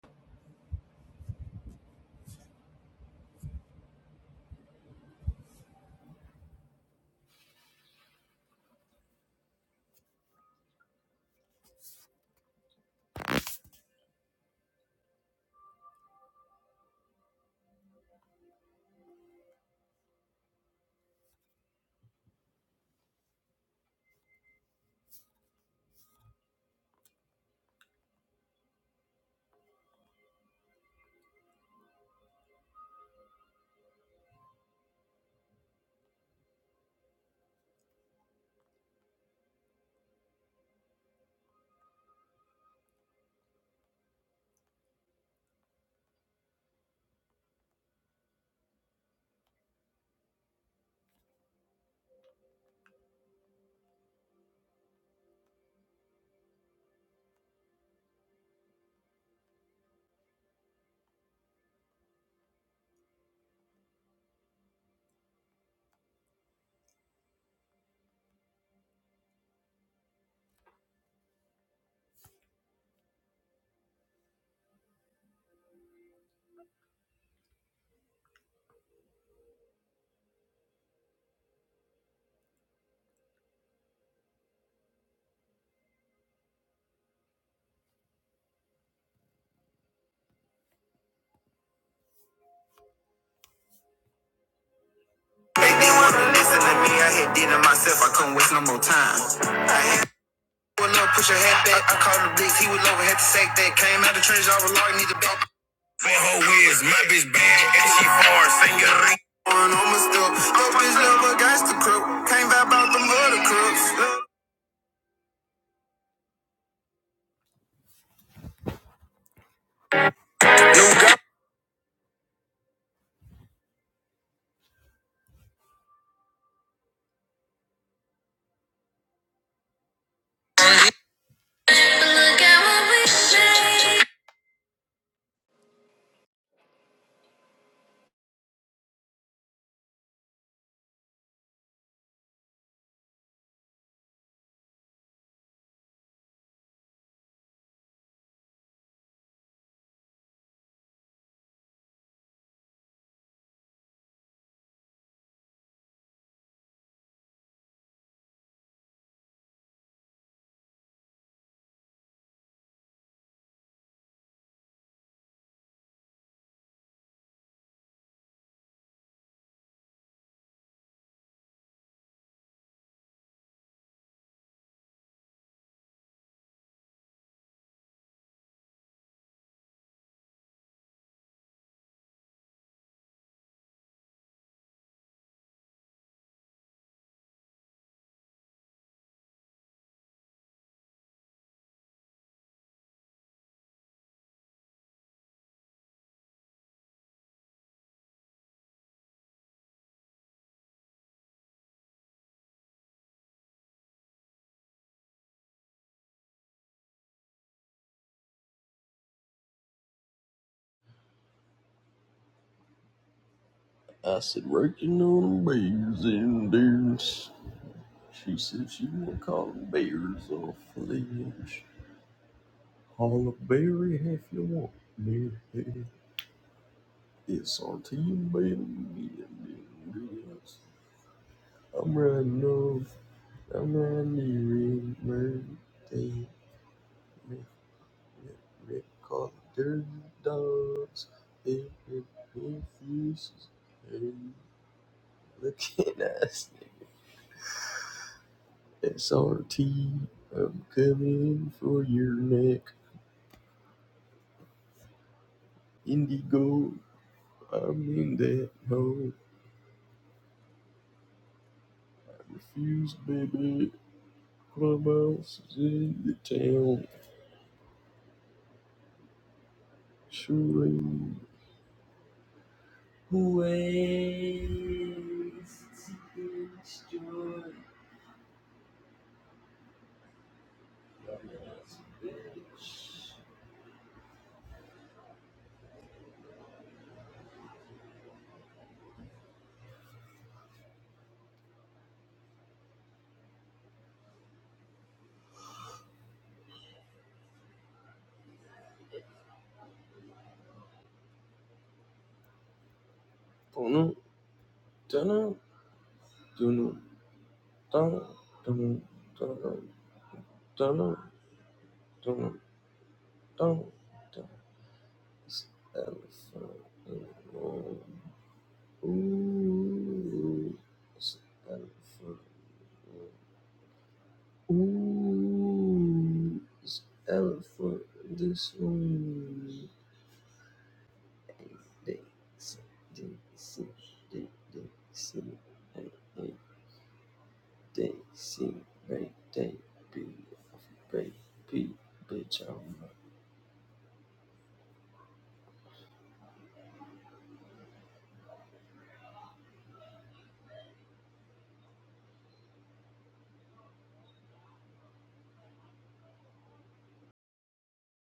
Make me wanna listen to me. I had did it myself. I couldn't waste no more time. I had one up, put your head back. I called the blitz. He was over, had to sack that. Came out the trench. I was locked, need to back. Man, her whiz, my bitch bad, and she foreign, senorita. One on my stuff. No bitch love a gangster crook. Can't vibe out them other crooks. New guy. Look at what we made. I said, working on bears and dunes. She said she want to call them bears or flames. All a berry if you want me. It's our team baby. I'm riding off. I'm riding the red birthday. Rip, rip, rip, call the dirty dogs. If, if, if, you- hey, look at us. SRT, I'm coming for your neck. Indigo, I'm in that hole. I refuse, baby. Clubhouse is in the town. Surely. Ways to destroy Clubhouse, bitch. Dunno, dunno, dunno, dunno, dunno, dunno, dunno, dunno, dunno, dunno. Elephant in the room. Ooh. It's elephant. Ooh. It's elephant in this room. Hey, Daisy, Daisy, Da- Daisy. Hey, hey, Daisy. Great day, be. Great be. Bitch, I'm